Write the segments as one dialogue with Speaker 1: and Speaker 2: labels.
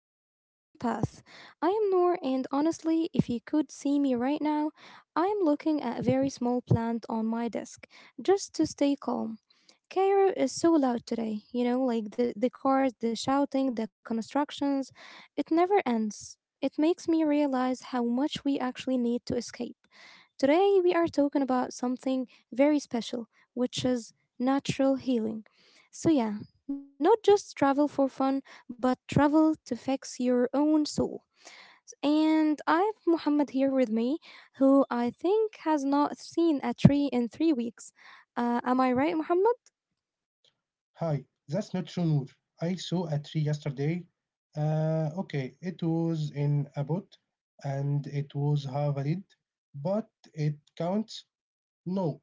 Speaker 1: of The Green Path. I am Noor, and honestly, if you could see me right now, I am looking at a very small plant on my desk just to stay calm. Cairo is so loud today, you know, like the cars, the shouting, the constructions. It never ends. It makes me realize how much we actually need to escape. Today, we are talking about something very special, which is natural healing. So, yeah, not just travel for fun, but travel to fix your own soul. And I have Muhammad here with me, who I think has not seen a tree in 3 weeks. Am I right, Muhammad?
Speaker 2: Hi, that's not true, Noor. I saw a tree yesterday. Okay, it was in a pot and it was harvested, but it counts. No,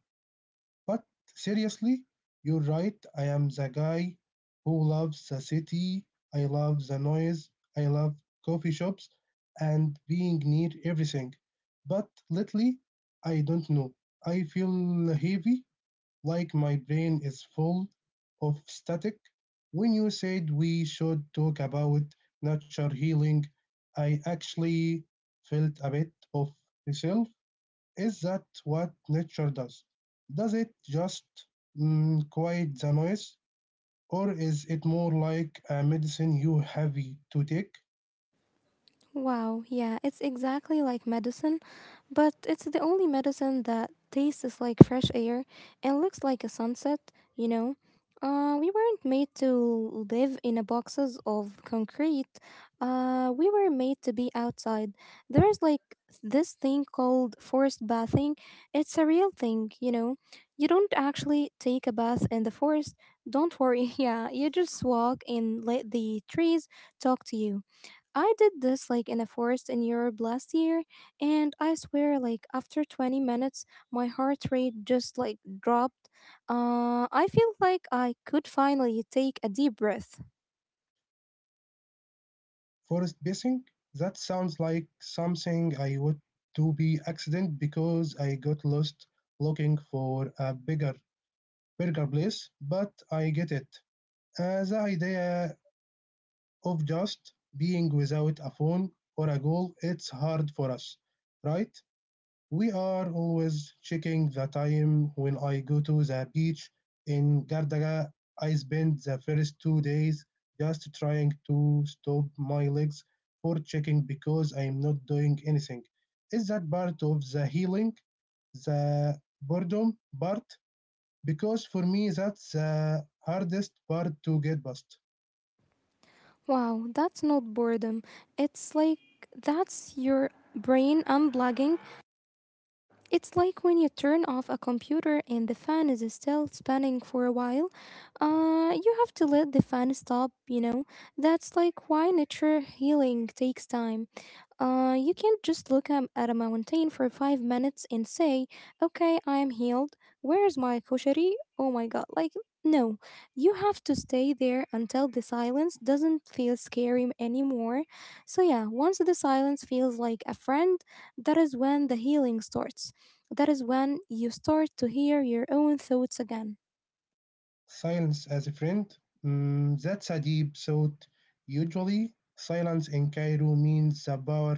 Speaker 2: but seriously, you're right. I am the guy who loves the city. I love the noise. I love coffee shops and being near everything. But lately, I don't know. I feel heavy like my brain is full of static. When you said we should talk about nature healing, I actually felt a bit of myself. Is that what nature does? Does it just quiet the noise, or is it more like a medicine you have to take?
Speaker 1: Wow, yeah, it's exactly like medicine, but it's the only medicine that tastes like fresh air and looks like a sunset, you know? We weren't made to live in a boxes of concrete. We were made to be outside. There's like this thing called forest bathing. It's a real thing, you know. You don't actually take a bath in the forest. Don't worry. Yeah, you just walk and let the trees talk to you. I did this like in a forest in Europe last year, and I swear, like after 20 minutes, my heart rate just like dropped. I feel like I could finally take a deep breath.
Speaker 2: Forest bathing? That sounds like something I would do by accident because I got lost looking for a bigger burger place, but I get it. The idea of just being without a phone or a goal, it's hard for us, right? We are always checking the time when I go to the beach in Gardaga. I spend the first 2 days just trying to stop my legs for checking because I'm not doing anything. Is that part of the healing, the boredom part? Because for me, that's the hardest part to get past.
Speaker 1: Wow, that's not boredom. It's like that's your brain unplugging. It's like when you turn off a computer and the fan is still spinning for a while. You have to let the fan stop, you know? That's like why nature healing takes time. You can't just look at a mountain for 5 minutes and say, okay, I am healed. Where's my koshari? Oh my god. Like, no. You have to stay there until the silence doesn't feel scary anymore. So, yeah, once the silence feels like a friend, that is when the healing starts. That is when you start to hear your own thoughts again.
Speaker 2: Silence as a friend, that's a deep thought. Usually, silence in Cairo means the power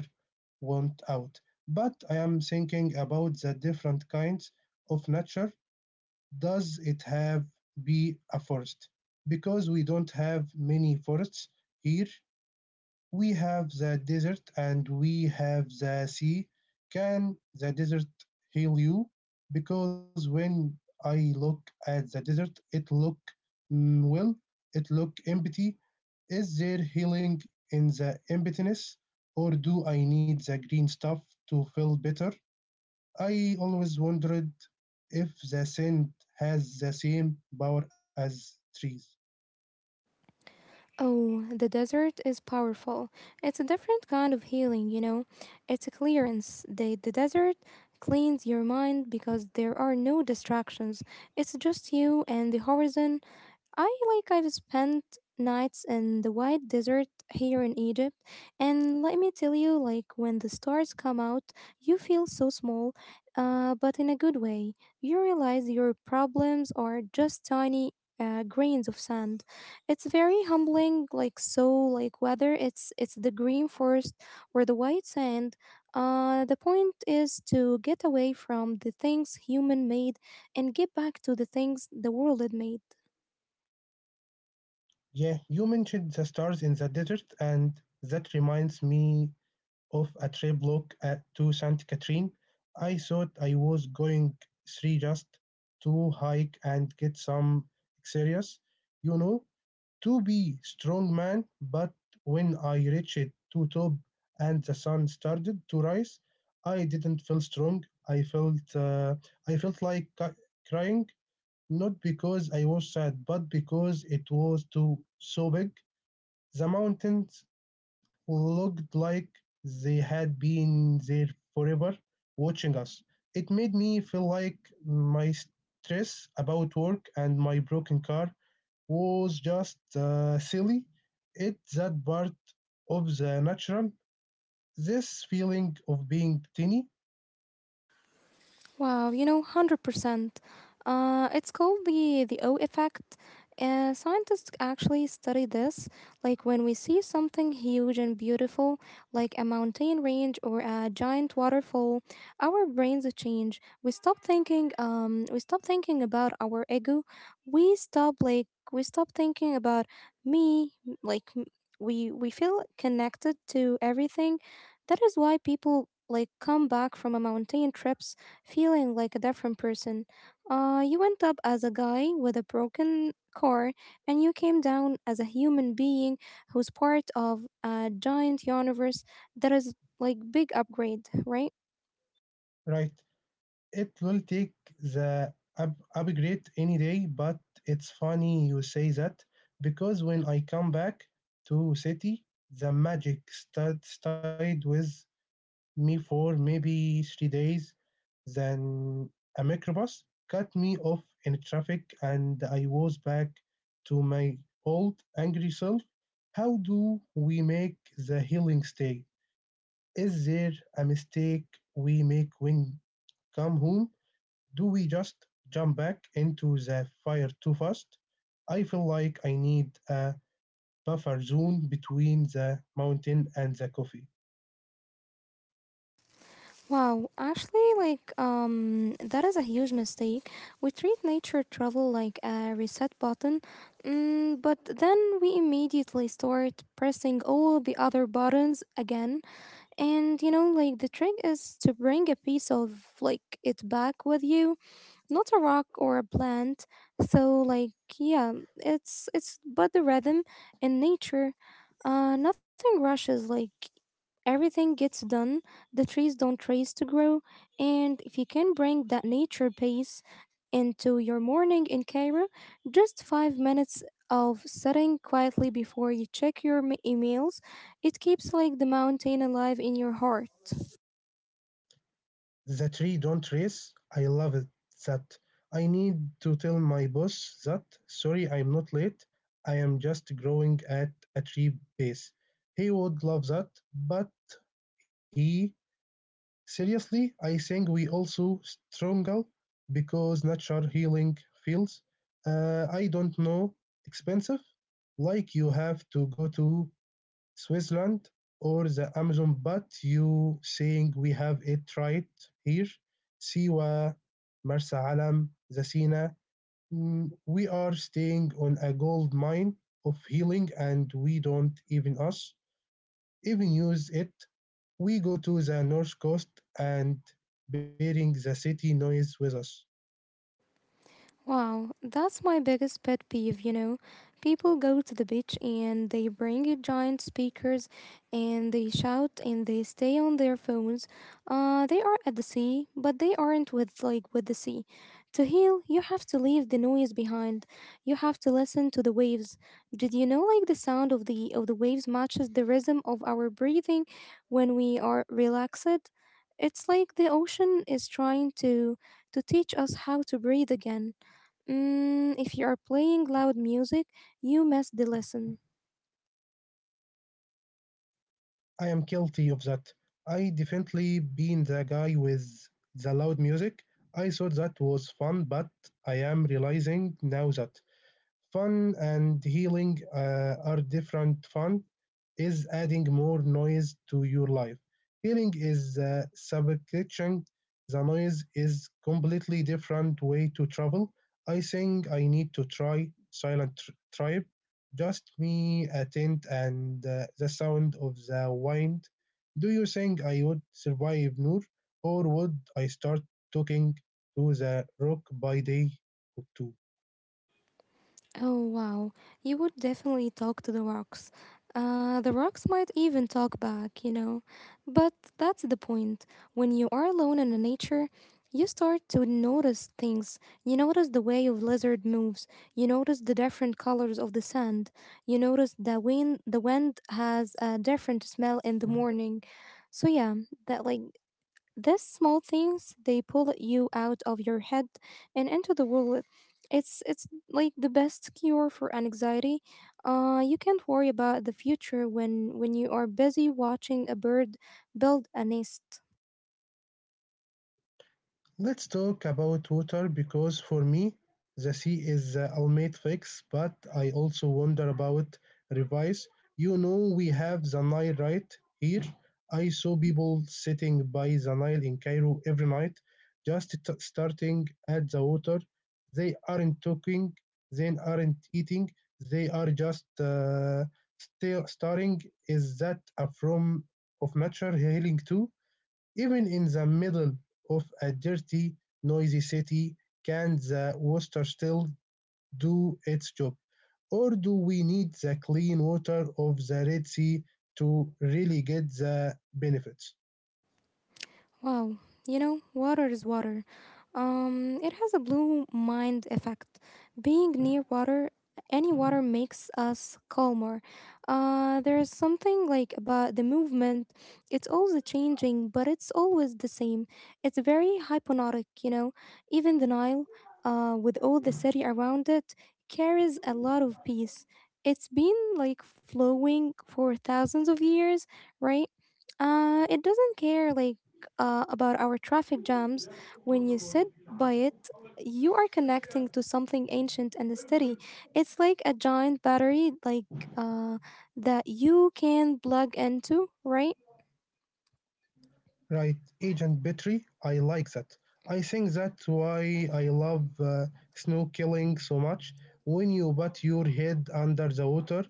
Speaker 2: went out. But I am thinking about the different kinds of nature. Does it have be a forest? Because we don't have many forests here. We have the desert and we have the sea. Can the desert heal you? Because when I look at the desert, it look mm, well, it look empty. Is there healing in the emptiness, or do I need the green stuff to feel better? I always wondered if the sand has the same power as trees.
Speaker 1: Oh, the desert is powerful. It's a different kind of healing, you know. It's a clearance. The desert cleans your mind because there are no distractions. It's just you and the horizon. I like I've spent nights in the white desert here in Egypt, and let me tell you, like when the stars come out, you feel so small, but in a good way. You realize your problems are just tiny, grains of sand. It's very humbling. Like, so, like whether it's the green forest or the white sand, the point is to get away from the things human made and get back to the things the world had made.
Speaker 2: Yeah, you mentioned the stars in the desert, and that reminds me of a trip look at to Saint Catherine. I thought I was going three just to hike and get some exercise, you know, to be strong man. But when I reached to top and the sun started to rise, I didn't feel strong. I felt like crying, not because I was sad, but because it was too so big. The mountains looked like they had been there forever, watching us. It made me feel like my stress about work and my broken car was just silly. It's that part of the natural, this feeling of being tiny,
Speaker 1: Wow, you know, 100%. It's called the O effect. Scientists actually study this. Like when we see something huge and beautiful, like a mountain range or a giant waterfall, our brains change. We stop thinking. We stop thinking about our ego. We stop like we stop thinking about me. Like m- we feel connected to everything. That is why people like come back from a mountain trip feeling like a different person. You went up as a guy with a broken car, and you came down as a human being who's part of a giant universe that is like big upgrade, right?
Speaker 2: right? It will take the up upgrade any day, but it's funny you say that because when I come back to city, the magic start stayed with me for maybe 3 days. Then a microbus cut me off in traffic, and I was back to my old angry self. How do we make the healing stay? Is there a mistake we make when come home? Do we just jump back into the fire too fast? I feel like I need a buffer zone between the mountain and the coffee.
Speaker 1: Wow, actually, like that is a huge mistake. We treat nature travel like a reset button, mm, but then we immediately start pressing all the other buttons again. And you know, like the trick is to bring a piece of like it back with you, not a rock or a plant. So like, yeah, it's but the rhythm in nature. Nothing rushes. Like everything gets done. The trees don't race to grow, and if you can bring that nature pace into your morning in Cairo, just 5 minutes of sitting quietly before you check your emails, it keeps like the mountain alive in your heart.
Speaker 2: The tree don't race. I love it. That I need to tell my boss that sorry I'm not late. I am just growing at a tree base. He would love that, but he seriously, I think we also struggle because natural healing feels, I don't know, expensive. Like you have to go to Switzerland or the Amazon, but you saying we have it right here. Siwa, Marsa Alam, Zasina. We are staying on a gold mine of healing and we don't even us even use it. We go to the north coast and bearing the city noise with us.
Speaker 1: Wow, that's my biggest pet peeve, you know. People go to the beach and they bring a giant speakers and they shout and they stay on their phones. Uh, they are at the sea, but they aren't with like with the sea. To heal, you have to leave the noise behind. You have to listen to the waves. Did you know like the sound of the waves matches the rhythm of our breathing when we are relaxed? It's like the ocean is trying to teach us how to breathe again. Mm, if you are playing loud music, you missed the lesson.
Speaker 2: I'm guilty of that. I definitely been the guy with the loud music. I thought that was fun, but I am realizing now that fun and healing are different. Fun is adding more noise to your life. Healing is subtraction. The noise is completely different way to travel. I think I need to try Silent Tribe. Just me, a tent, and the sound of the wind. Do you think I would survive, Noor, or would I start talking to the rock by day or two?
Speaker 1: Oh wow, you would definitely talk to the rocks. The rocks might even talk back, you know. But that's the point. When you are alone in the nature, you start to notice things. You notice the way of lizard moves. You notice the different colors of the sand. You notice the wind. The wind has a different smell in the morning. So yeah, that like. These small things they pull you out of your head and into the world. It's like the best cure for anxiety. You can't worry about the future when you are busy watching a bird build a nest.
Speaker 2: Let's talk about water because for me, the sea is the ultimate fix, but I also wonder about rivers. You know, we have the Nile right here. I saw people sitting by the Nile in Cairo every night, just starting at the water. They aren't talking, they aren't eating, they are just still staring. Is that a form of nature healing too? Even in the middle of a dirty, noisy city, can the water still do its job? Or do we need the clean water of the Red Sea to really get the benefits?
Speaker 1: Wow, you know, water is water. It has a blue mind effect. Being near water, any water makes us calmer. There is something like about the movement. It's always changing, but it's always the same. It's very hypnotic, you know. Even the Nile, with all the city around it, carries a lot of peace. It's been like flowing for thousands of years, right? Uh, it doesn't care like about our traffic jams. When you sit by it, you are connecting to something ancient and steady. It's like a giant battery, like uh, that you can plug into, right?
Speaker 2: Right, Agent Petrie, I like that. I think that's why I love snorkeling so much. When you put your head under the water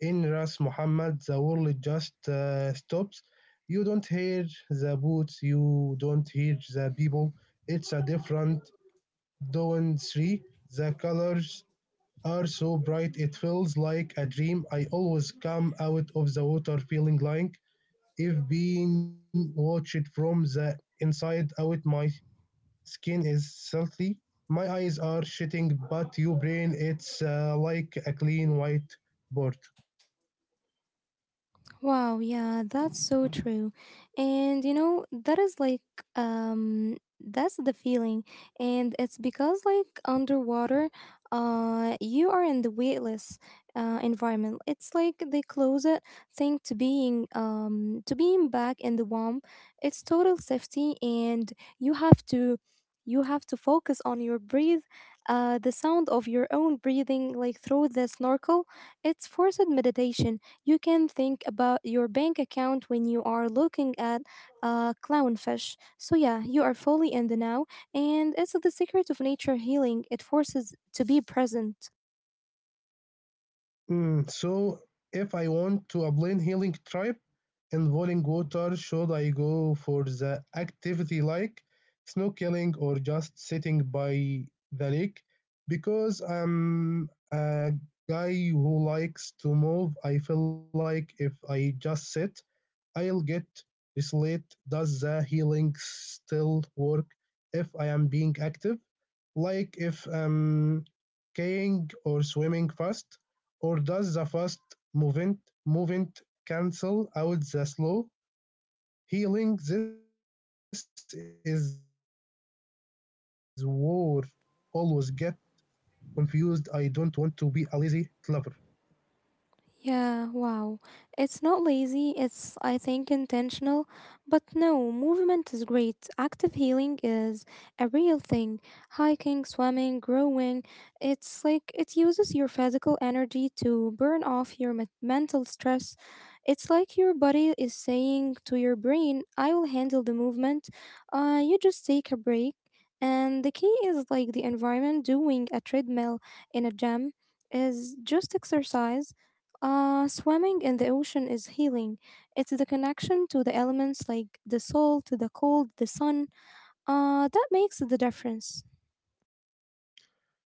Speaker 2: in Ras Muhammad, the world just stops. You don't hear the boots. You don't hear the people. It's a different dawn three. The colors are so bright it feels like a dream. I always come out of the water feeling like if being watched from the inside out. My skin is silty, my eyes are shitting, but your brain it's like a clean white board.
Speaker 1: Wow, yeah, that's so true. And you know, that is like um that's the feeling, and it's because like underwater, you are in the weightless environment. It's like the closest thing to being back in the womb. It's total safety, and you have to you have to focus on your breathe, the sound of your own breathing like through the snorkel. It's forced meditation. You can think about your bank account when you are looking at clownfish. So, yeah, you are fully in the now, and it's the secret of nature healing. It forces to be present.
Speaker 2: Hmm. So if I want to a plain healing tribe involving water, should I go for the activity like snow killing or just sitting by the lake? Because I'm a guy who likes to move, I feel like if I just sit, I'll get desolate. Does the healing still work if I am being active? Like if I'm skiing or swimming fast? Or does the fast movement movement cancel out the slow healing? This is war. Always get confused. I don't want to be a lazy lover.
Speaker 1: Yeah, wow. It's not lazy, it's, I think, intentional. But no, movement is great. Active healing is a real thing. Hiking, swimming, growing. It's like it uses your physical energy to burn off your mental stress. It's like your body is saying to your brain, I will handle the movement. You just take a break. And the key is like the environment. Doing a treadmill in a gym is just exercise, swimming in the ocean is healing. It's the connection to the elements like the soul, to the cold, the sun. That makes the difference.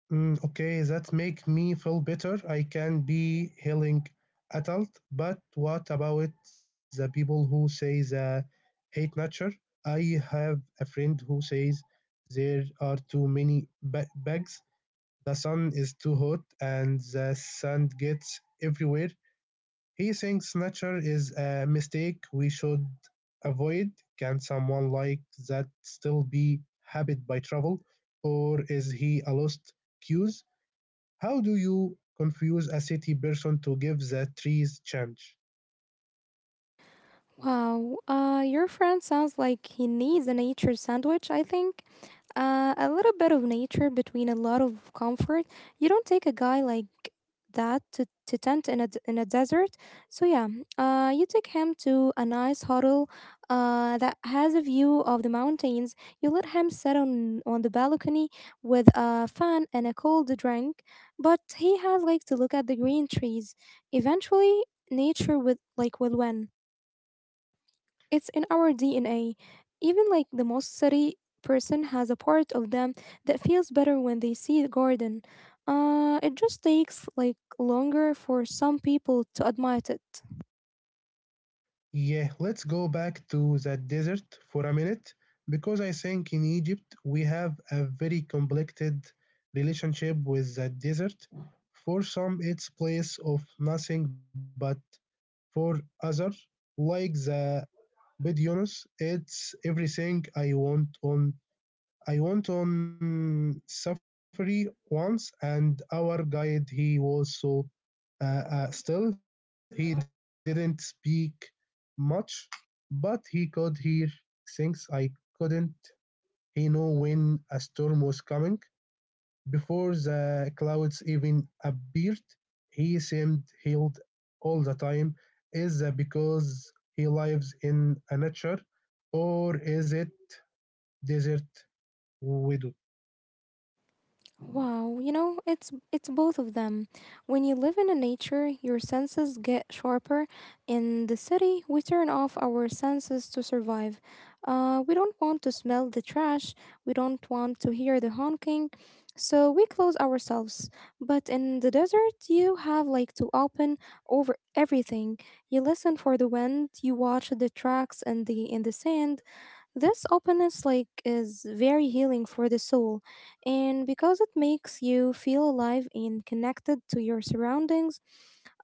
Speaker 2: Okay, that make me feel better. I can be healing adult. But what about the people who say they hate nature? I have a friend who says there are too many bugs. The sun is too hot and the sand gets everywhere. He thinks nature is a mistake we should avoid. Can someone like that still be habited by travel, or is he a lost cause? How do you confuse a city person to give the trees chance?
Speaker 1: Wow, your friend sounds like he needs a nature sandwich, I think. A little bit of nature between a lot of comfort. You don't take a guy like that to, tent in a, in a desert. So, yeah, you take him to a nice huddle that has a view of the mountains. You let him sit on, the balcony with a fan and a cold drink, but he has like to look at the green trees. Eventually, nature with like will win. It's in our DNA. Even like the most city person has a part of them that feels better when they see the garden. It just takes like longer for some people to admit it.
Speaker 2: Yeah, let's go back to the desert for a minute because I think in Egypt we have a very complicated relationship with the desert. For some, it's place of nothing, but for other, like the Bedouins, it's everything I want on I went on safari once, and our guide he was so uh, still. He didn't speak much, but he could hear things I couldn't. He knew when a storm was coming before the clouds even appeared. He seemed healed all the time. Is that because he lives in a nature, or is it desert widow?
Speaker 1: Wow, you know, it's both of them. When you live in the nature, your senses get sharper. In the city, we turn off our senses to survive. We don't want to smell the trash. We don't want to hear the honking, so we close ourselves. But in the desert, you have like to open over everything. You listen for the wind. You watch the tracks in the sand. This openness like is very healing for the soul, and because it makes you feel alive and connected to your surroundings.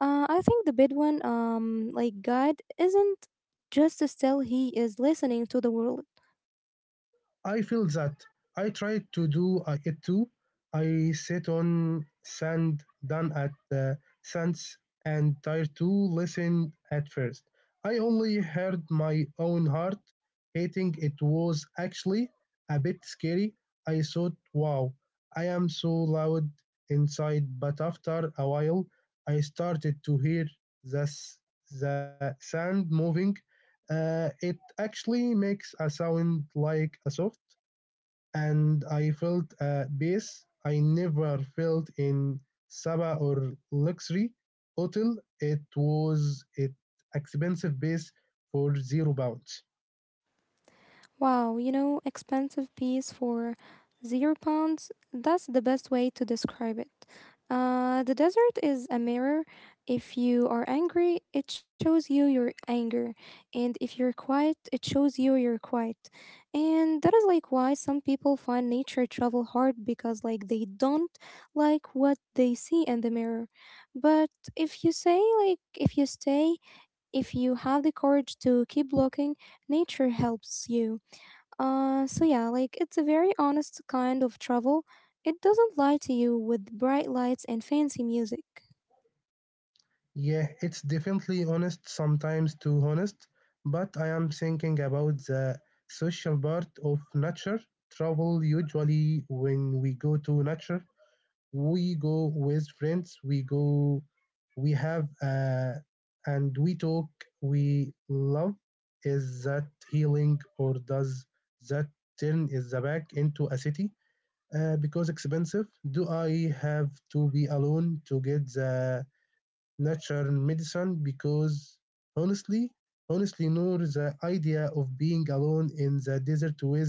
Speaker 1: I think the Bedouin like guide isn't just still, he is listening to the world.
Speaker 2: I feel that. I try to do it too. I sit on sand down at the sands and try to listen at first. I only heard my own heart hating it was actually a bit scary. I thought, wow, I am so loud inside, but after a while I started to hear the, s- the sand moving. It actually makes a sound like a soft and I felt a peace I never felt in Sabah or luxury hotel. It was it expensive base for 0 pounds.
Speaker 1: Wow, you know, expensive piece for 0 pounds. That's the best way to describe it. The desert is a mirror. If you are angry, it shows you your anger. And if you're quiet, it shows you you're quiet. And that is like why some people find nature travel hard because, like, they don't like what they see in the mirror. But if you say, like, if you stay, if you have the courage to keep looking, nature helps you. So yeah, like it's a very honest kind of travel. It doesn't lie to you with bright lights and fancy music.
Speaker 2: Yeah, it's definitely honest sometimes too honest, but I am thinking about the social part of nature travel usually when we go to nature we go with friends we go we have and we talk we love is that healing or does that turn is the back into a city because expensive do I have to be alone to get the natural medicine because honestly honestly nor the idea of being alone in the desert with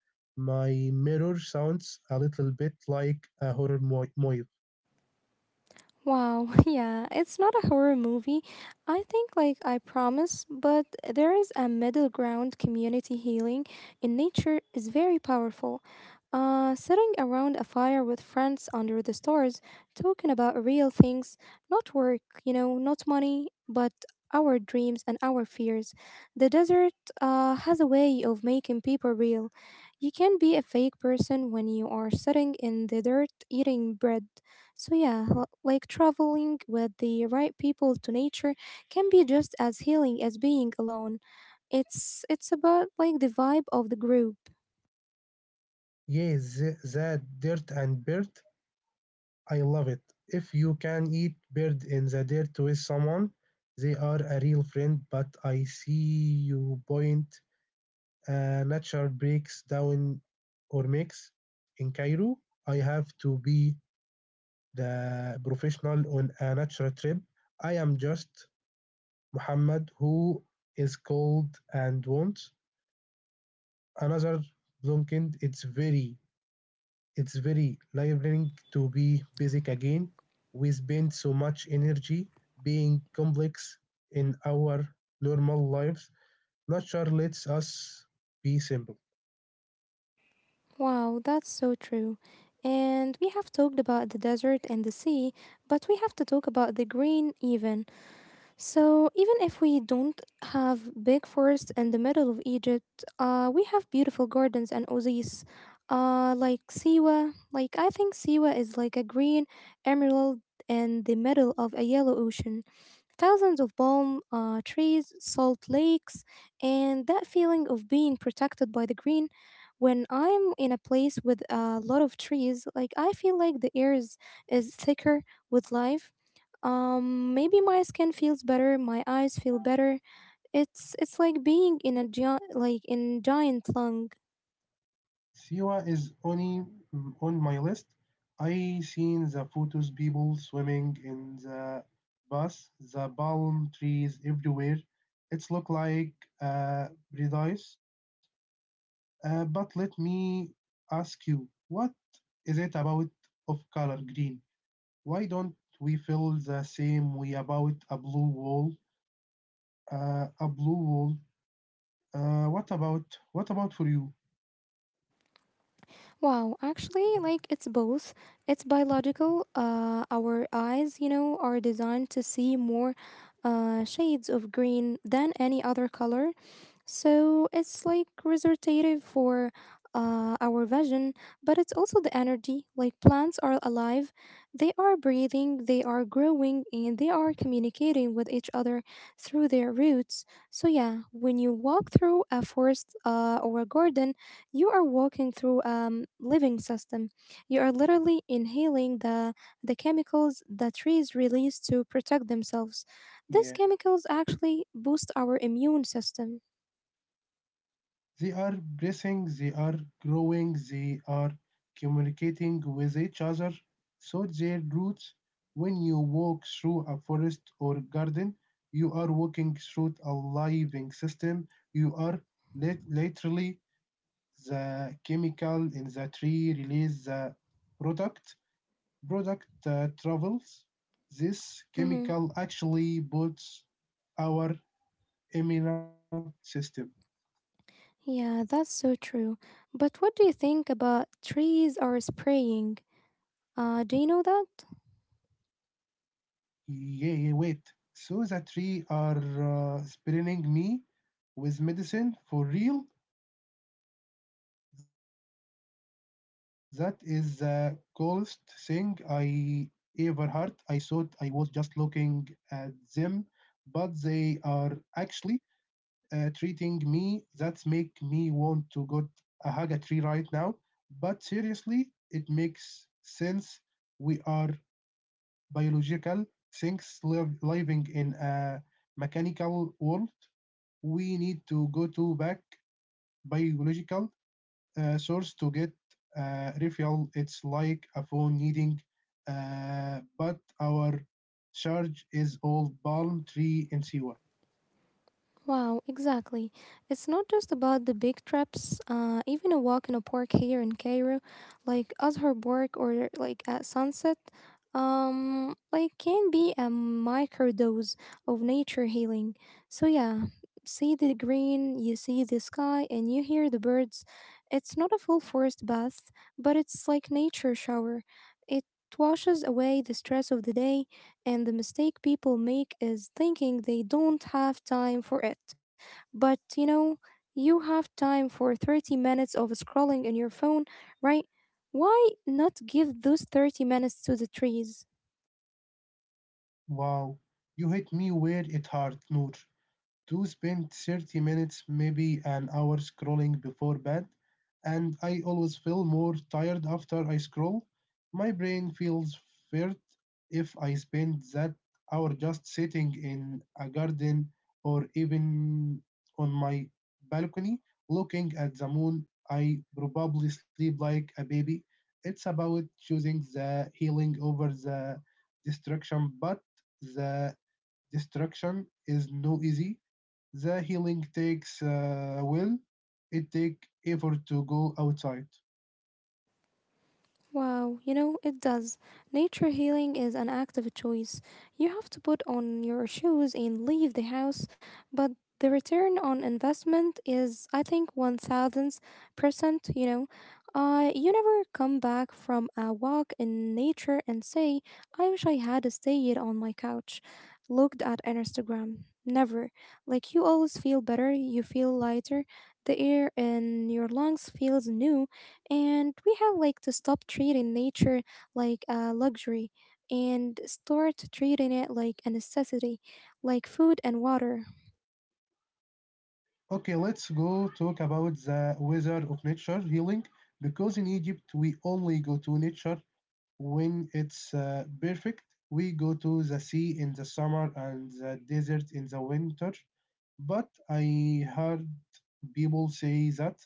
Speaker 2: my mirror sounds a little bit like a horror movie.
Speaker 1: Wow, yeah, it's not a horror movie. I think, like I promise, but there is a middle ground. Community healing in nature is very powerful. Sitting around a fire with friends under the stars, talking about real things, not work, not money, but our dreams and our fears. The desert has a way of making people real. You can be a fake person when you are sitting in the dirt eating bread. So yeah, like traveling with the right people to nature can be just as healing as being alone. It's about like the vibe of the group.
Speaker 2: Yes, the dirt and bird, I love it. If you can eat bird in the dirt with someone, they are a real friend. But I see you point. Nature breaks down or makes in Cairo. I have to be the professional on a nature trip. I am just Muhammad who is cold and wants another blunkend. It's very liberating to be basic again. We spend so much energy being complex in our normal lives. Nature lets us be simple.
Speaker 1: Wow, that's so true. And we have talked about the desert and the sea, but we have to talk about the green even. So, even if we don't have big forests in the middle of Egypt, we have beautiful gardens and oases, like Siwa. Like, I think Siwa is like a green emerald in the middle of a yellow ocean. Thousands of palm trees, salt lakes, and that feeling of being protected by the green. When I'm in a place with a lot of trees, like I feel like the air is thicker with life. Maybe my skin feels better, my eyes feel better. It's like being in a giant like in giant lung.
Speaker 2: Siwa is only on my list. I seen the photos people swimming in the bus, the palm trees everywhere. It's look like uh, paradise. But let me ask you, what is it about of color green? Why don't we feel the same way about a blue wall? Uh, a blue wall. Uh, what about what about for you?
Speaker 1: Wow, actually, like it's both. It's biological. Our eyes, you know, are designed to see more shades of green than any other color. So it's like resortative for our vision, but it's also the energy. Like plants are alive, they are breathing, they are growing, and they are communicating with each other through their roots. So, yeah, when you walk through a forest or a garden, you are walking through a living system. You are literally inhaling the chemicals the trees release to protect themselves. These
Speaker 2: Yeah,
Speaker 1: chemicals actually boost our immune system.
Speaker 2: they are breathing, they are growing, they are communicating with each other. So their roots. When you walk through a forest or garden, you are walking through a living system. You are literally the chemical in the tree release the product product travels, this
Speaker 1: Mhm.
Speaker 2: chemical actually builds our immune system.
Speaker 1: Yeah, that's so true. But what do you think about trees are spraying? Do you know that?
Speaker 2: Yeah, yeah, wait. So the three are spraying me with medicine for real? That is the coolest thing I ever heard. I thought I was just looking at them, but they are actually treating me that make me want to get a Haga tree right now. But seriously, it makes sense. We are biological things live, living in a mechanical world. We need to go to back biological source to get refuel. It's like a phone needing, but our charge is all palm tree in sea water.
Speaker 1: Wow, exactly. It's not just about the big trips. Even a walk in a park here in Cairo, like Azhar Park or like at sunset, like can be a microdose of nature healing. So yeah, see the green, you see the sky, and you hear the birds. It's not a full forest bath, but it's like nature shower. It washes away the stress of the day, and the mistake people make is thinking they don't have time for it. But you know, you have time for 30 minutes of scrolling in your phone, right? Why not give those 30 minutes to the trees?
Speaker 2: Wow, you hit me where it hurt, Noor. To spend 30 minutes, maybe an hour scrolling before bed, and I always feel more tired after I scroll. My brain feels flat if I spend that hour just sitting in a garden or even on my balcony looking at the moon. I probably sleep like a baby. It's about choosing the healing over the destruction, but the destruction is no easy. The healing takes will. It take effort to go outside.
Speaker 1: Wow, you know, it does. Nature healing is an active choice. You have to put on your shoes and leave the house, but the return on investment is, I think, 1000%. You know, you never come back from a walk in nature and say, I wish I had stayed on my couch, looked at Instagram. Never. Like, you always feel better, you feel lighter, the air in your lungs feels new, and we have like to stop treating nature like a luxury and start treating it like a necessity, like food and water.
Speaker 2: Okay, let's go talk about the weather of nature healing because in Egypt we only go to nature when it's perfect. We go to the sea in the summer and the desert in the winter. But I heard people say that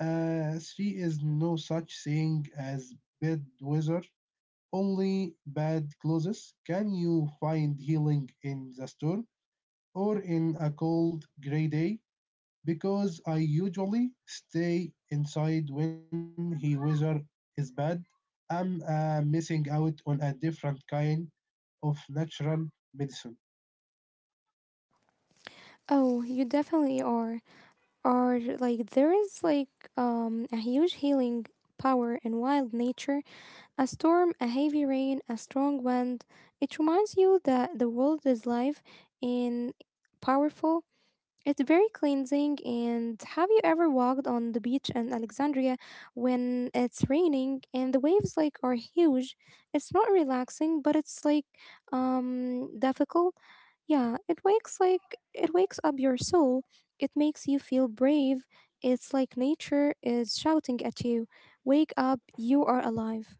Speaker 2: sea is no such thing as bad weather. Only bad closes can you find healing in the storm or in a cold gray day because I usually stay inside when the weather is bad. I'm missing out on a different kind of natural medicine.
Speaker 1: Oh, you definitely are, like there is like a huge healing power in wild nature. A storm, a heavy rain, a strong wind, it reminds you that the world is live and powerful. It's very cleansing. And have you ever walked on the beach in Alexandria when it's raining and the waves like are huge? It's not relaxing, but it's like difficult. Yeah, it wakes up your soul. It makes you feel brave. It's like nature is shouting at you. Wake up, you are alive.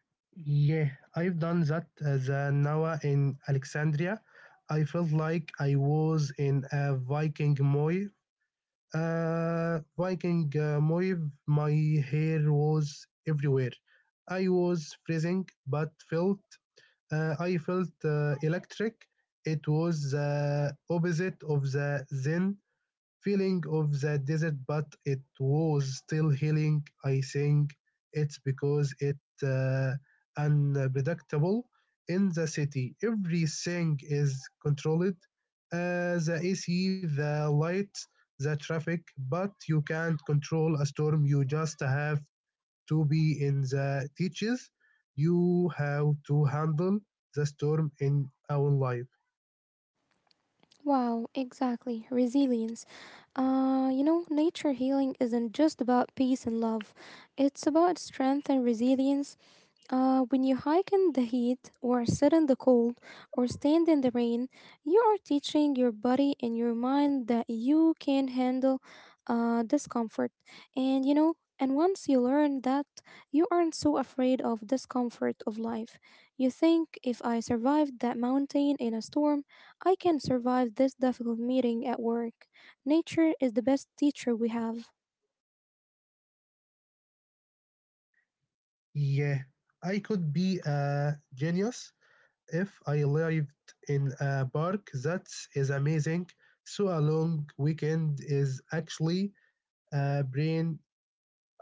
Speaker 2: Yeah, I've done that as a Nawa in Alexandria. I felt like I was in a Viking moi, a Viking wave, my hair was everywhere. I was freezing, but felt I felt electric. It was the opposite of the zen feeling of the desert, but it was still healing. I think it's because it unpredictable in the city. Everything is controlled. The AC, the light, the traffic, but you can't control a storm. You just have to be in the teaches. You have to handle the storm in our life.
Speaker 1: Wow, exactly. Resilience. You know, nature healing isn't just about peace and love, it's about strength and resilience, when you hike in the heat, or sit in the cold, or stand in the rain, you are teaching your body and your mind that you can handle discomfort. And you know, and once you learn that, you aren't so afraid of discomfort of life. You think if I survived that mountain in a storm, I can survive this difficult meeting at work. Nature is the best teacher we have.
Speaker 2: Yeah, I could be a genius if I lived in a park, that is amazing. So a long weekend is actually a brain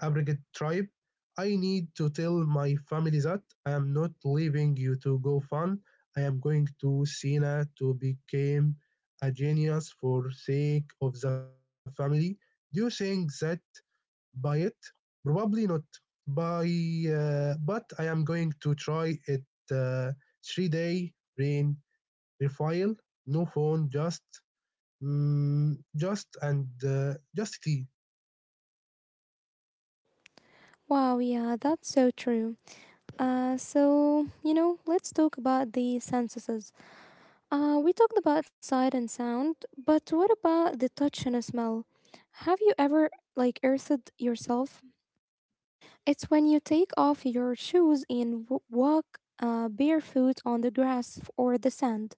Speaker 2: abrogate tribe. I need to tell my family that I am not leaving you to go fun. I am going to Sina to become a genius for sake of the family. Do you think that by it? Probably not. By But I am going to try it uh, 3 day brain Raphael, no phone, just, just and just tea.
Speaker 1: Wow, yeah, that's so true. So, you know, let's talk about the senses. We talked about sight and sound, but what about the touch and smell? Have you ever, like, earthed yourself? It's when you take off your shoes and walk barefoot on the grass or the sand.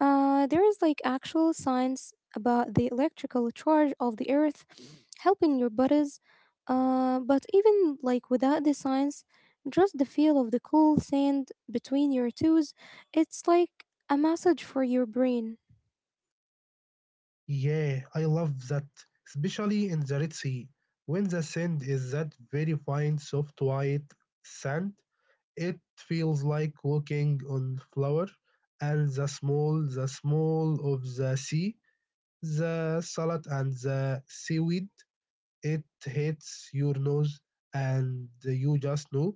Speaker 1: There is like actual science about the electrical charge of the earth helping your bodies. But even like without the science, just the feel of the cool sand between your toes, it's like a massage for your brain.
Speaker 2: Yeah, I love that, especially in the Red Sea. When the sand is that very fine, soft white sand, it feels like walking on flour. And the small of the sea, the salad and the seaweed. It hits your nose and you just know,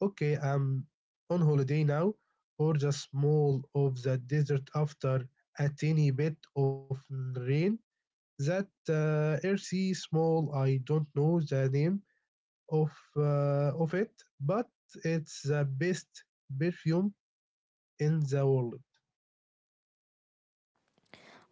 Speaker 2: okay, I'm on holiday now. Or just smell of the desert after a tiny bit of rain, that earthy small. I don't know the name of of it, but it's the best perfume in the world.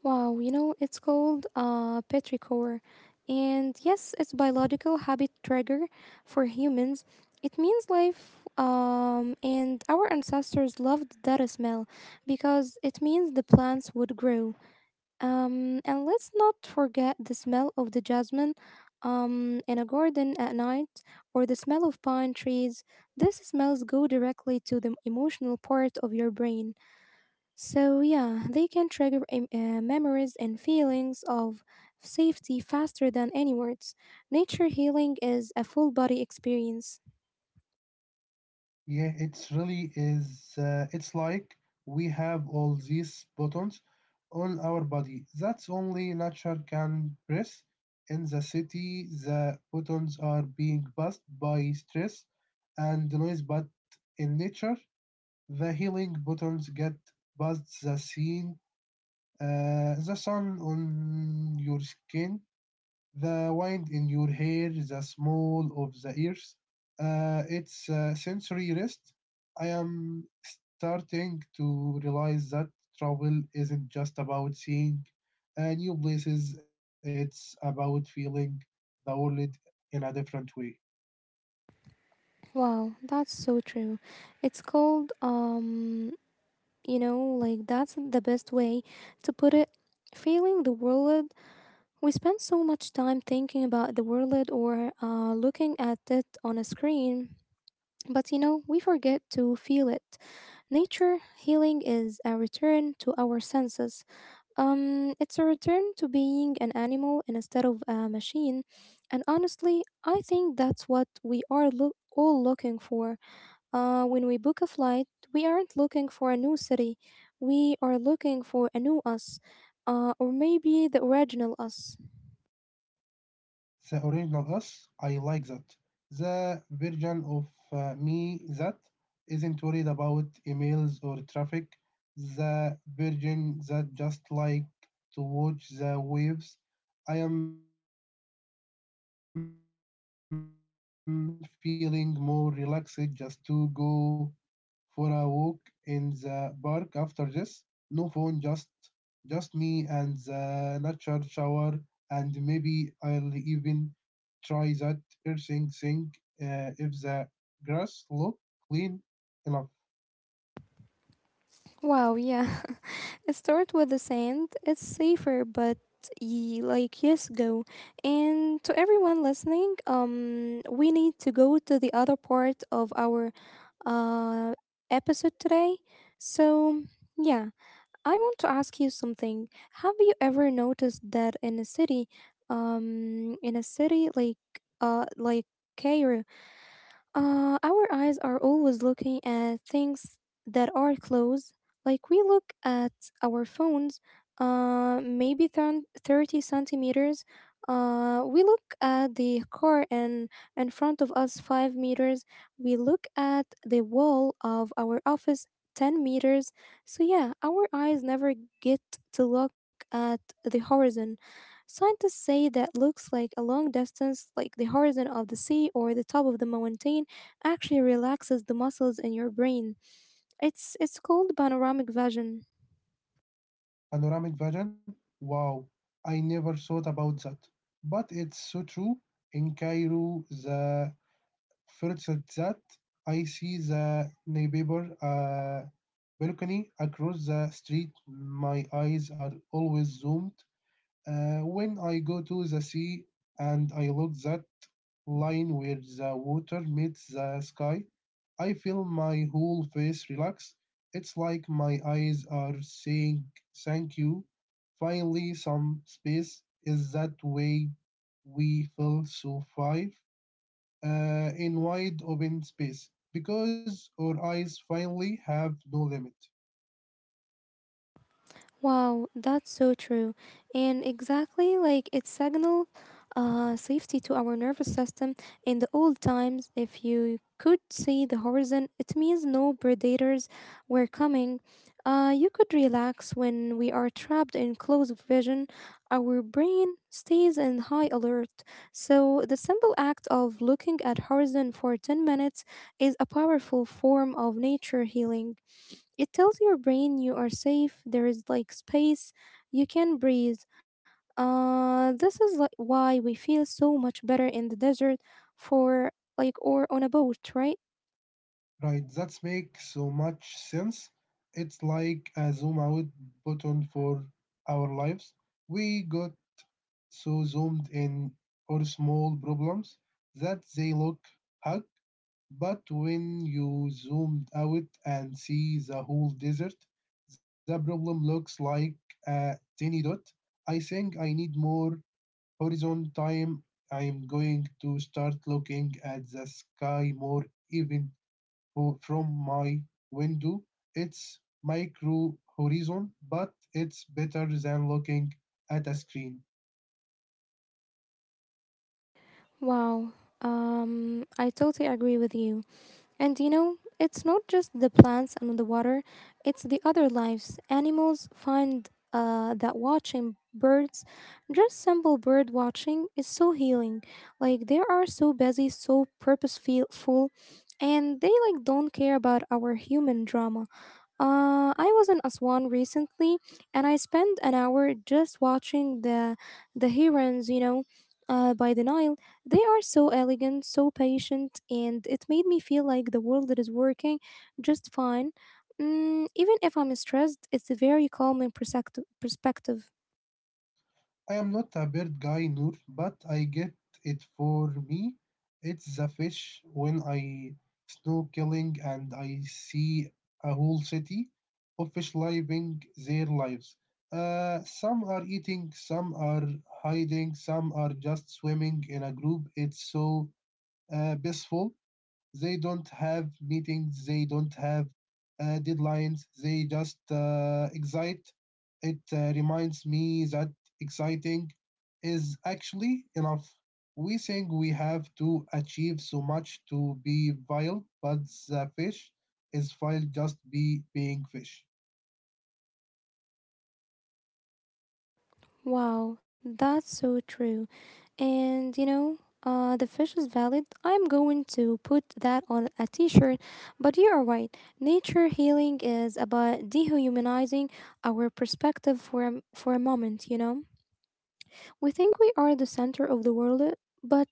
Speaker 1: Wow, you know, it's called petrichor. And yes, it's biological habit trigger for humans. It means life, and our ancestors loved that smell because it means the plants would grow. And let's not forget the smell of the jasmine in a garden at night, or the smell of pine trees. These smells go directly to the emotional part of your brain. So, yeah, they can trigger memories and feelings of safety faster than any words. Nature healing is a full body experience.
Speaker 2: Yeah, it's really is. It's like we have all these buttons on our body. That's only nature can press. In the city, the buttons are being buzzed by stress and noise, but in nature, the healing buttons get buzzed the scene, the sun on your skin, the wind in your hair, the small of the ears. It's a sensory rest. I am starting to realize that travel isn't just about seeing new places, it's about feeling the world in a different way.
Speaker 1: Wow, that's so true. It's called, you know, like that's the best way to put it. Feeling the world, we spend so much time thinking about the world or looking at it on a screen, but you know, we forget to feel it. Nature healing is a return to our senses. It's a return to being an animal instead of a machine. And honestly, I think that's what we are all looking for. When we book a flight, we aren't looking for a new city, we are looking for a new us, or maybe the original us.
Speaker 2: The original us, I like that. The version of me that isn't worried about emails or traffic. The version that just like to watch the waves. I am feeling more relaxed just talking to you. I think I am going to go for a walk in the park after this. No phone, just me and the nature shower, and maybe I'll even try that earthing thing if the grass look clean enough.
Speaker 1: Wow, yeah. Start with the sand. It's safer, but like yes, go. And to everyone listening, we need to go to the other part of our uh episode today. So yeah, I want to ask you something. Have you ever noticed that in a city, in a city like Cairo? Our eyes are always looking at things that are close. Like we look at our phones, maybe 30 centimeters. We look at the car and in front of us 5 meters. We look at the wall of our office 10 meters. So, yeah, our eyes never get to look at the horizon. Scientists say that looks like a long distance, like the horizon of the sea or the top of the mountain, actually relaxes the muscles in your brain. It's called panoramic vision.
Speaker 2: Panoramic vision? Wow, I never thought about that. But it's so true. In Cairo, the فرصة that I see the neighbor balcony across the street. My eyes are always zoomed. When I go to the sea and I look that line where the water meets the sky, I feel my whole face relax. It's like my eyes are saying thank you. Finally, some space is that way we feel so five in wide open space because our eyes finally have no limit.
Speaker 1: Wow, that's so true. And exactly like it signaled safety to our nervous system. In the old times, if you could see the horizon, it means no predators were coming. You could relax. When we are trapped in close vision, our brain stays in high alert. So the simple act of looking at horizon for 10 minutes is a powerful form of nature healing. It tells your brain you are safe, there is like space, you can breathe. This is like why we feel so much better in the desert, for like or on a boat, right?
Speaker 2: Right, that makes so much sense. It's like a zoom out button for our lives. We got so zoomed in or small problems that they look hug, but when you zoomed out and see the whole desert, the problem looks like a tiny dot. I think I need more horizon time, I am going to start looking at the sky more even from my window. It's micro horizon, but it's better than looking at a screen.
Speaker 1: Wow. I totally agree with you. And you know, it's not just the plants and the water, it's the other lives. Animals find that watching birds, just simple bird watching, is so healing. Like they are so busy, so purposeful, and they like don't care about our human drama. I was in Aswan recently, and I spent an hour just watching the herons, you know, by the Nile. They are so elegant, so patient, and it made me feel like the world is working just fine. Mm, even if I'm stressed, it's a very calming perspective. Perspective.
Speaker 2: I am not a bird guy, Noor, but I get it for me. It's the fish when I snorkeling and I see a whole city of fish living their lives. Some are eating, some are hiding, some are just swimming in a group. It's so peaceful. They don't have meetings. They don't have deadlines. They just excite. It reminds me that exciting is actually enough. We think we have to achieve so much to be vile, but the fish is vile just be being fish.
Speaker 1: Wow, that's so true. And you know, the fish is valid. I'm going to put that on a t-shirt. But you are right, nature healing is about dehumanizing our perspective for for a moment. You know, we think we are the center of the world, but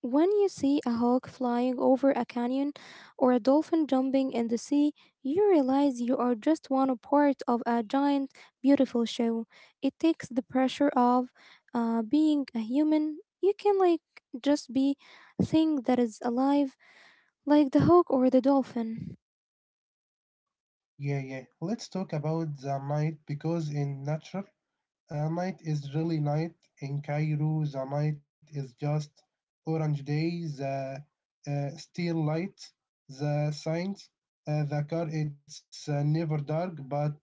Speaker 1: when you see a hawk flying over a canyon or a dolphin jumping in the sea, you realize you are just one part of a giant, beautiful show. It takes the pressure of being a human. You can like just be a thing that is alive, like the hawk or the dolphin.
Speaker 2: Yeah, yeah. Let's talk about the night because in nature a night is really night. In Cairo, the night is just orange day, the still light, the signs, the car. It's never dark, but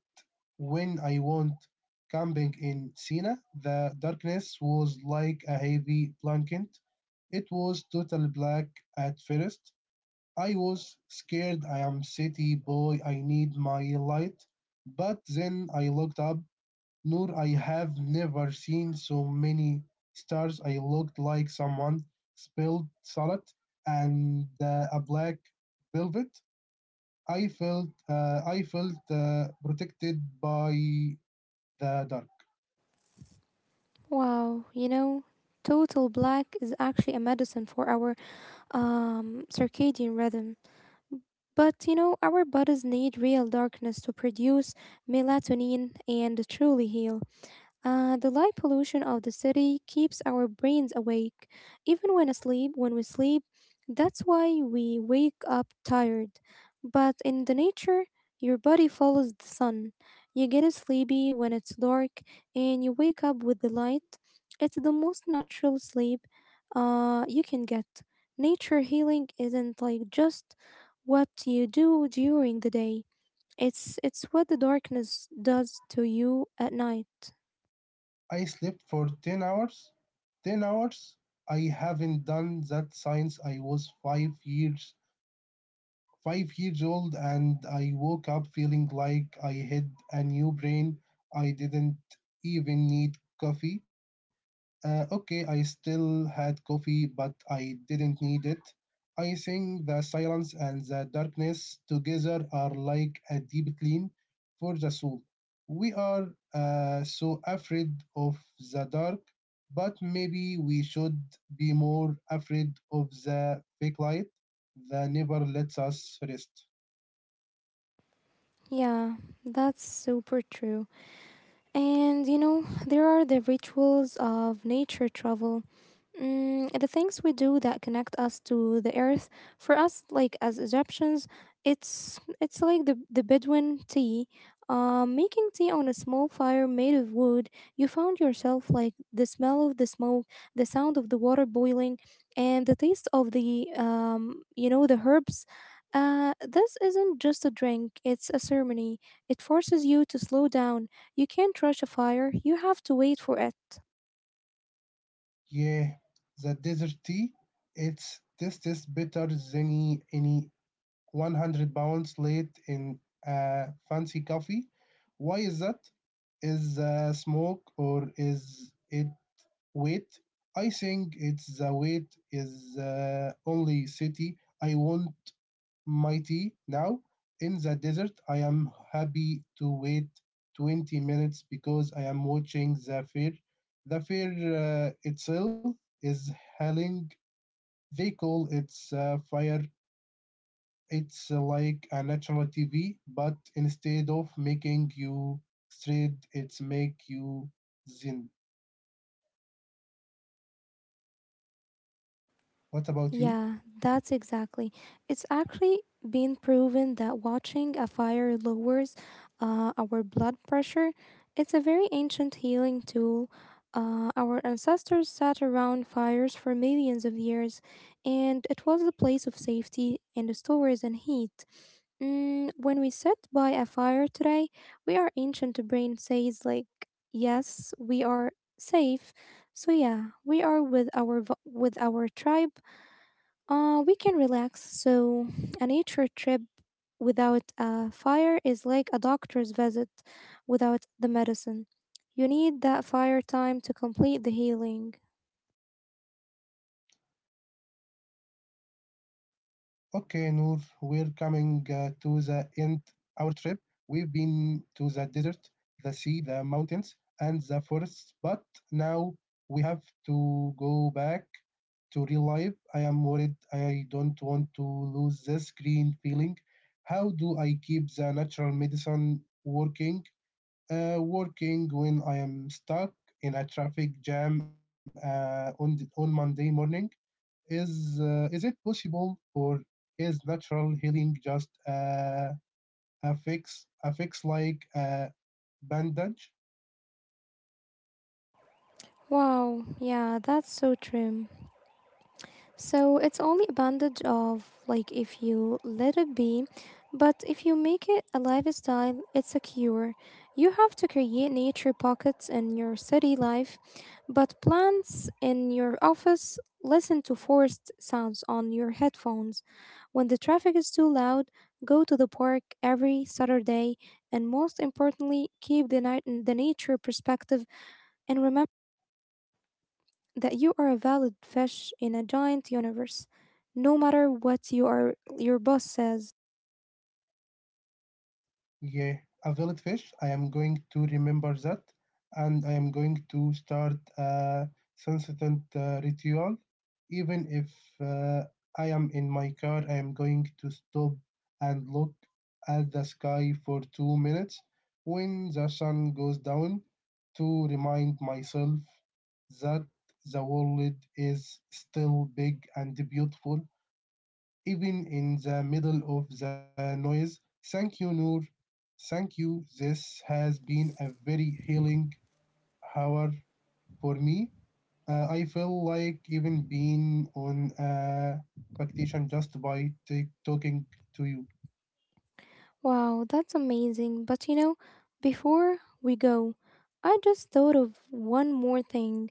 Speaker 2: when I went camping in Sina, the darkness was like a heavy blanket. It was total black at first. I was scared. I am city boy. I need my light. But then I looked up, Noor, I have never seen so many stars. I looked like someone spilled salad and a black velvet. I felt protected by the dark.
Speaker 1: Wow, you know, total black is actually a medicine for our circadian rhythm. But you know, our bodies need real darkness to produce melatonin and truly heal. The light pollution of the city keeps our brains awake, even when asleep. When we sleep, that's why we wake up tired. But in the nature, your body follows the sun. You get sleepy when it's dark, and you wake up with the light. It's the most natural sleep, you can get. Nature healing isn't like just what you do during the day. It's what the darkness does to you at night.
Speaker 2: I slept for 10 hours. 10 hours? I haven't done that since I was 5 years old and I woke up feeling like I had a new brain. I didn't even need coffee. Okay, I still had coffee, but I didn't need it. I think the silence and the darkness together are like a deep clean for the soul. We are so afraid of the dark, but maybe we should be more afraid of the fake light that never lets us rest.
Speaker 1: Yeah, that's super true. And you know, there are the rituals of nature travel. The things we do that connect us to the earth for us like as Egyptians, it's like the Bedouin tea, making tea on a small fire made of wood you found yourself, like the smell of the smoke, the sound of the water boiling, and the taste of the you know, the herbs. This isn't just a drink, it's a ceremony. It forces you to slow down. You can't rush a fire, you have to wait for it.
Speaker 2: Yeah, the desert tea, it tastes better than any 100 pounds late in a fancy coffee. Why is that? Is smoke or is it weight? I think it's the weight is only city. I want my tea now. In the desert, I am happy to wait 20 minutes because I am watching the fair. The fair itself is hailing. They call it fire. It's like a natural TV, but instead of making you straight, it's make you zen. What
Speaker 1: Yeah,
Speaker 2: about you?
Speaker 1: that's exactly. It's actually been proven that watching a fire lowers our blood pressure. It's a very ancient healing tool. Our ancestors sat around fires for millions of years, and it was a place of safety and stores and heat. When we sit by a fire today, we, our ancient brain says like, yes, we are safe. So yeah, we are with our with our tribe, we can relax. So, a nature trip without a fire is like a doctor's visit without the medicine. You need that fire time to complete the healing.
Speaker 2: Okay, Noor, we're coming to the end our trip. We've been to the desert, the sea, the mountains, and the forests, but now we have to go back to real life. I am worried. I don't want to lose this green feeling. How do I keep the natural medicine working? Working when I am stuck in a traffic jam on on Monday morning. Is it possible, or is natural healing just a fix like a bandage?
Speaker 1: Wow, yeah, that's so true. So it's only a bandage of like if you let it be, but if you make it a lifestyle, it's a cure. You have to create nature pockets in your city life, but plants in your office. Listen to forest sounds on your headphones. When the traffic is too loud, go to the park every Saturday, and most importantly, keep the night the nature perspective and remember that you are a valid fish in a giant universe, no matter what you are, your boss says.
Speaker 2: Yeah, a velvet fish. I am going to remember that, and I am going to start a sunset ritual. Even if uh, I am in my car, I am going to stop and look at the sky for 2 minutes when the sun goes down to remind myself that the world is still big and beautiful even in the middle of the noise. Thank you, Noor. Thank you. This has been a very healing hour for me. I feel like even being on a vacation just by talking to you.
Speaker 1: Wow, that's amazing. But you know, before we go, I just thought of one more thing,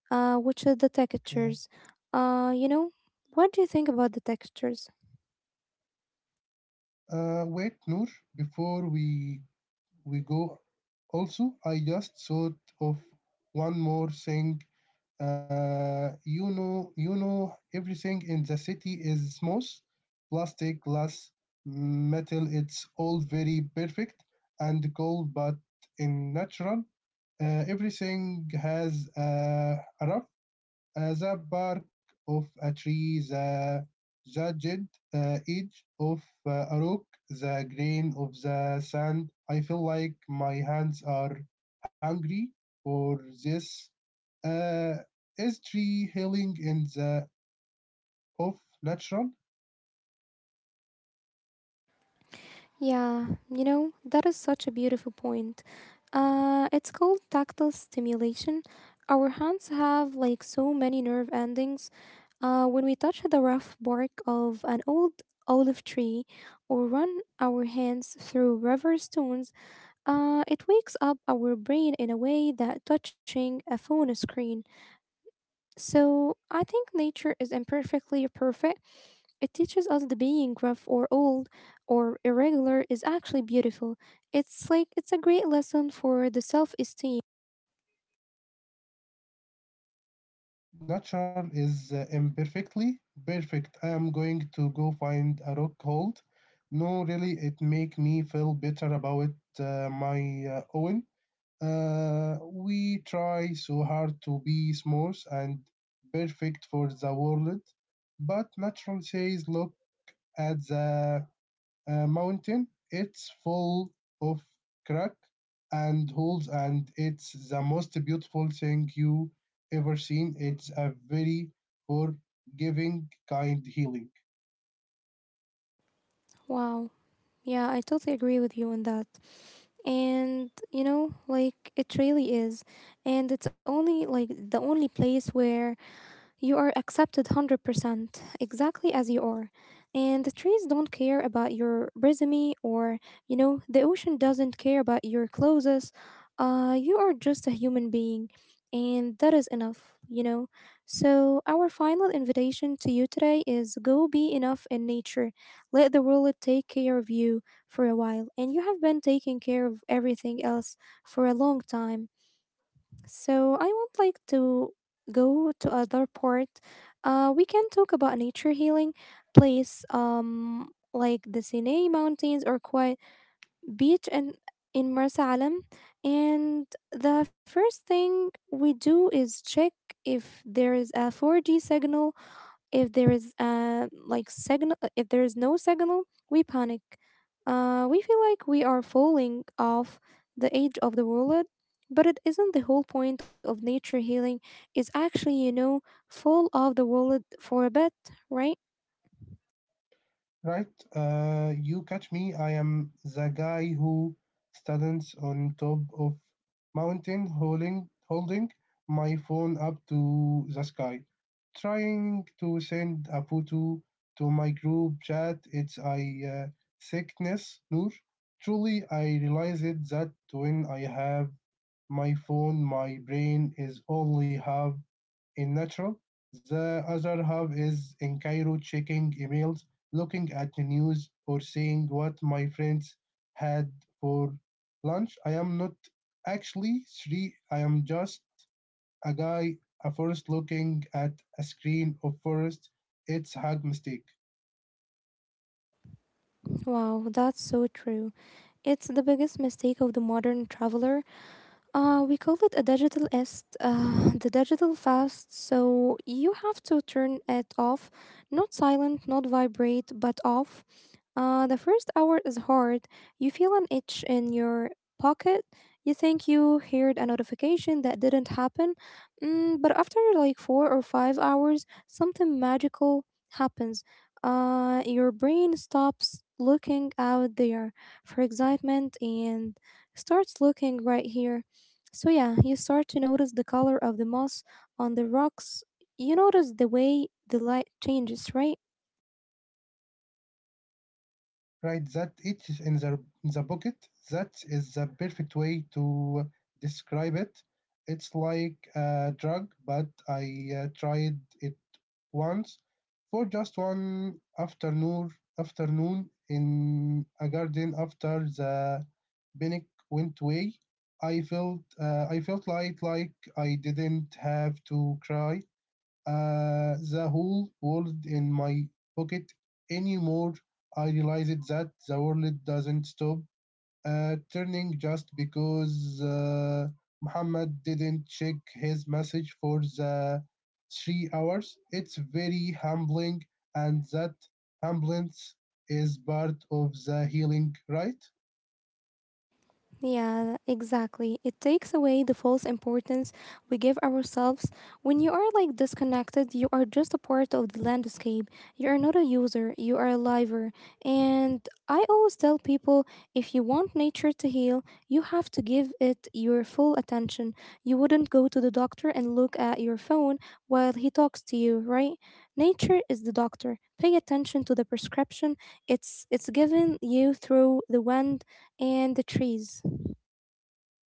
Speaker 1: which is the textures.
Speaker 2: Okay.
Speaker 1: You know, what do you think about the textures?
Speaker 2: Wait, Noor. Before we go, also I just thought of one more thing you know, Everything in the city is smooth, plastic, glass, metal. It's all very perfect and cold, but in natural. Everything has a rough the bark of a tree, the jagged edge of a rock, the grain of the sand. I feel like my hands are hungry for this. Uh, is tree healing in the of natural?
Speaker 1: Yeah, you know, that is such a beautiful point. It's called tactile stimulation. Our hands have like so many nerve endings. When we touch the rough bark of an old olive tree or run our hands through river stones, it wakes up our brain in a way that touching a phone screen. So I think nature is imperfectly perfect. It teaches us the being rough or old or irregular is actually beautiful. It's like it's a great lesson for the self esteem.
Speaker 2: Natural is imperfectly perfect. I am going to go find a rock hold. No, really, it make me feel better about my own. We try so hard to be smooth and perfect for the world, but nature says, look at the mountain. It's full of crack and holes, and it's the most beautiful thing you ever seen. It's a very forgiving, kind healing.
Speaker 1: Wow. Yeah, I totally agree with you on that. And you know, like it really is. And it's only like the only place where you are accepted 100% exactly as you are. And the trees don't care about your resume, or you know, the ocean doesn't care about your clothes. You are just a human being, and that is enough, you know. So, our final invitation to you today is go be enough in nature. Let the world take care of you for a while, and you have been taking care of everything else for a long time. So I would like to go to other part. We can talk about nature healing place, like the Sinai Mountains or quiet beach and in Marsa Alam. And the first thing we do is check if there is a 4G signal, if there is like signal, if there is no signal, we panic. We feel like we are falling off the edge of the world, but it isn't the whole point of nature healing. Is actually, you know, fall off the world for a bit, right?
Speaker 2: Right, you catch me. I am the guy who stands on top of mountain holding my phone up to the sky, trying to send a photo to my group chat. It's a uh, sickness, Noor. Truly, I realized that when I have my phone, my brain is only half in natural. The other half is in Cairo checking emails, looking at the news, or seeing what my friends had for lunch. I am not actually three, I am just a guy, a forest looking at a screen of forest. It's a hard mistake.
Speaker 1: Wow, that's so true. It's the biggest mistake of the modern traveler. We call it a digital est, the digital fast. So you have to turn it off, not silent, not vibrate, but off. The first hour is hard. You feel an itch in your pocket. You think you heard a notification that didn't happen. But after like 4 or 5 hours, something magical happens. Your brain stops looking out there for excitement and starts looking right here. So, yeah, you start to notice the color of the moss on the rocks. You notice the way the light changes, right?
Speaker 2: Right, that itch is in the pocket. That is the perfect way to describe it. It's like a drug, but I tried it once for just one afternoon in a garden after the panic went away. I felt light like I didn't have to cry the whole world in my pocket anymore. I realized that the world doesn't stop turning just because Muhammad didn't check his message for the 3 hours. It's very humbling, and that humbleness is part of the healing, right?
Speaker 1: Yeah, exactly. It takes away the false importance we give ourselves. When you are like disconnected, you are just a part of the landscape. You are not a user, you are a liver. And I always tell people, if you want nature to heal, you have to give it your full attention. You wouldn't go to the doctor and look at your phone while he talks to you, right? Nature is the doctor. Pay attention to the prescription. It's given you through the wind and the trees.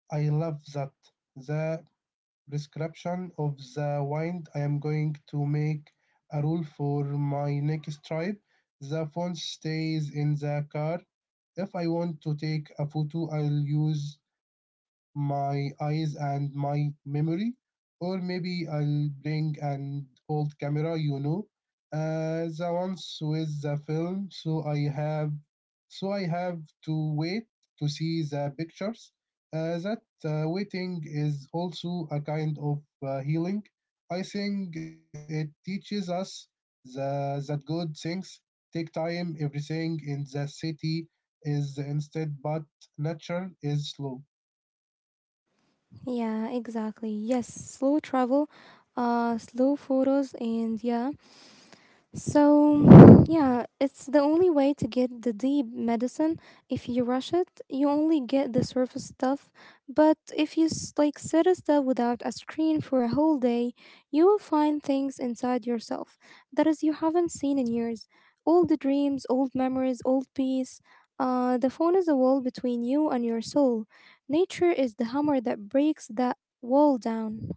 Speaker 2: I love that. The prescription of the wind. I am going to make a rule for my next trip. The phone stays in the car. If I want to take a photo, I'll use my eyes and my memory, or maybe I'll bring an old camera, you know, the ones with the film, so I have to wait to see the pictures. That waiting is also a kind of healing. I think it teaches us that good things take time. Everything in the city is instant, but nature is slow.
Speaker 1: Yeah, exactly. Yes, slow travel, slow photos, and yeah, so, yeah, it's the only way to get the deep medicine. If you rush it, you only get the surface stuff. But if you like sit still without a screen for a whole day, you will find things inside yourself that is you haven't seen in years. Old dreams, old memories, old peace. The phone is a wall between you and your soul. Nature is the hammer that breaks that wall down.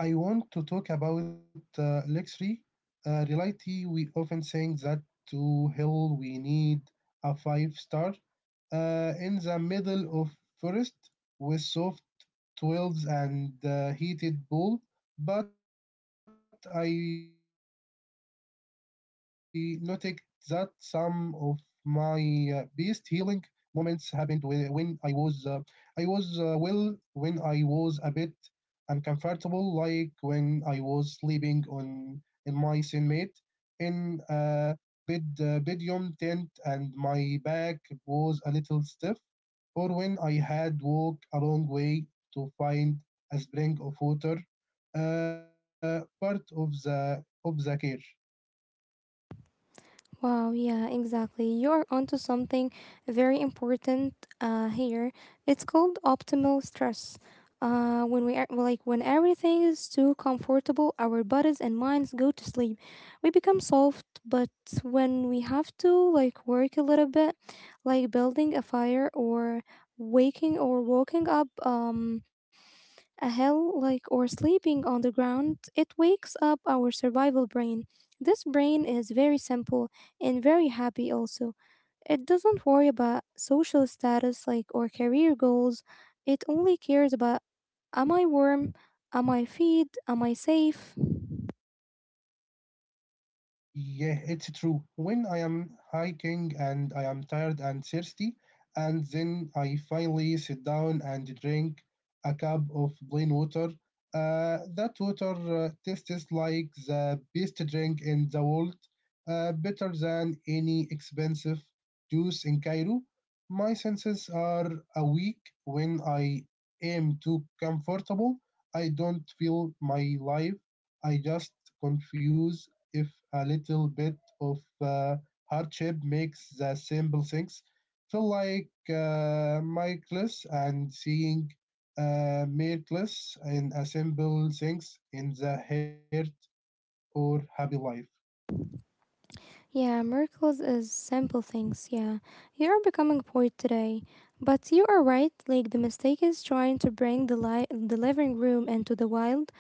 Speaker 2: I want to talk about luxury. Reality, we often think that to hell we need a five star in the middle of forest with soft 12s and heated pool. But I noticed that some of my best healing moments happened when I was, when I was a bit uncomfortable, like when I was sleeping on in my cellmate in a bed bedroom tent and my back was a little stiff, or when I had walked a long way to find a spring of water, part of the care.
Speaker 1: Wow, yeah, exactly. You're onto something very important here. It's called optimal stress. When we are, like when everything is too comfortable, our bodies and minds go to sleep. We become soft, but when we have to like work a little bit, like building a fire or waking or walking up, a hill like or sleeping on the ground, it wakes up our survival brain. This brain is very simple and very happy also. It doesn't worry about social status like or career goals. It only cares about, am I warm? Am I fed? Am I safe?
Speaker 2: Yeah, it's true. When I am hiking and I am tired and thirsty, and then I finally sit down and drink a cup of plain water, that water tastes like the best drink in the world, better than any expensive juice in Cairo. My senses are awake when I am too comfortable. I don't feel my life. I just confuse if a little bit of uh, hardship makes the simple things feel like miraculous and seeing miracles in a simple things in the heart or happy life.
Speaker 1: Yeah, miracles is simple things, yeah. You are becoming a poet today. But you are right, like the mistake is trying to bring the the living room into the wild.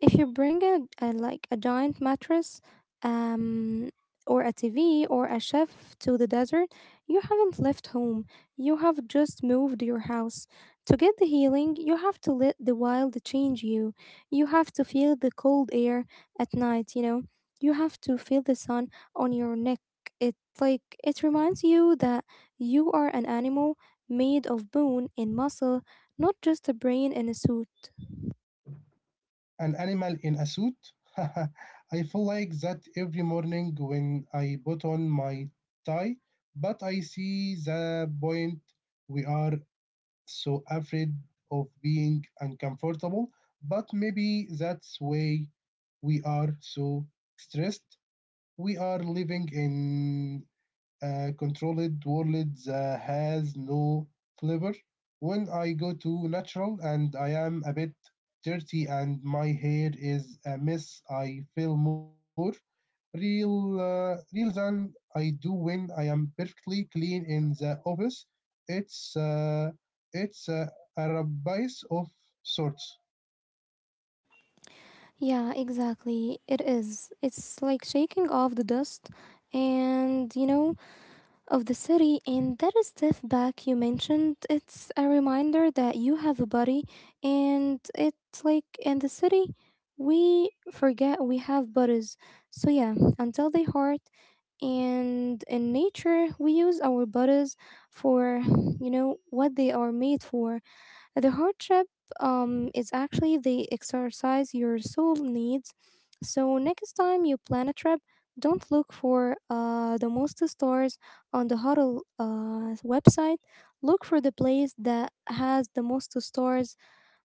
Speaker 1: If you bring a like a giant mattress, um, or a TV or a chef to the desert, you haven't left home. You have just moved your house. To get the healing, you have to let the wild change you. You have to feel the cold air at night, you know. You have to feel the sun on your neck. It like it reminds you that you are an animal made of bone and muscle, not just a brain in a suit.
Speaker 2: An animal in a suit. I feel like that every morning when I put on my tie, but I see the point. We are so afraid of being uncomfortable, but maybe that's why we are so stressed. We are living in controlled worlds has no flavor. When I go to natural and I am a bit dirty and my hair is a mess, I feel more real, real than I do when I am perfectly clean in the office. It's uh, it's a rabbis of sorts.
Speaker 1: Yeah, exactly. It is. It's like shaking off the dust and, you know, of the city. And that step back you mentioned, it's a reminder that you have a body. And it's like in the city, we forget we have bodies. So, yeah, until they hurt. And in nature, we use our bodies for, you know, what they are made for. The hardship is actually the exercise your soul needs. So, next time you plan a trip, don't look for the most stores on the huddle website. Look for the place that has the most stores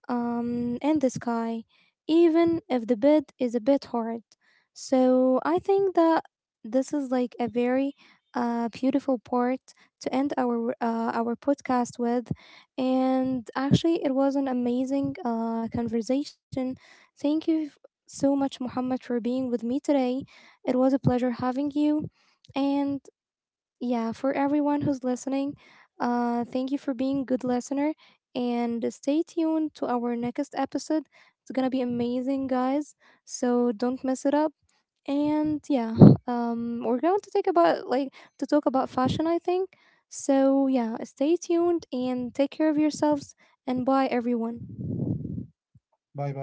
Speaker 1: in the sky, even if the bed is a bit hard. So I think that this is like a very beautiful part to end our podcast with, and actually it was an amazing conversation. Thank you so much, Muhammad, for being with me today. It was a pleasure having you, and yeah, for everyone who's listening, thank you for being a good listener and stay tuned to our next episode. It's gonna be amazing, guys, so don't mess it up. And yeah, we're going to take about like to talk about fashion, I think. So yeah, stay tuned and take care of yourselves and bye everyone.
Speaker 2: Bye bye.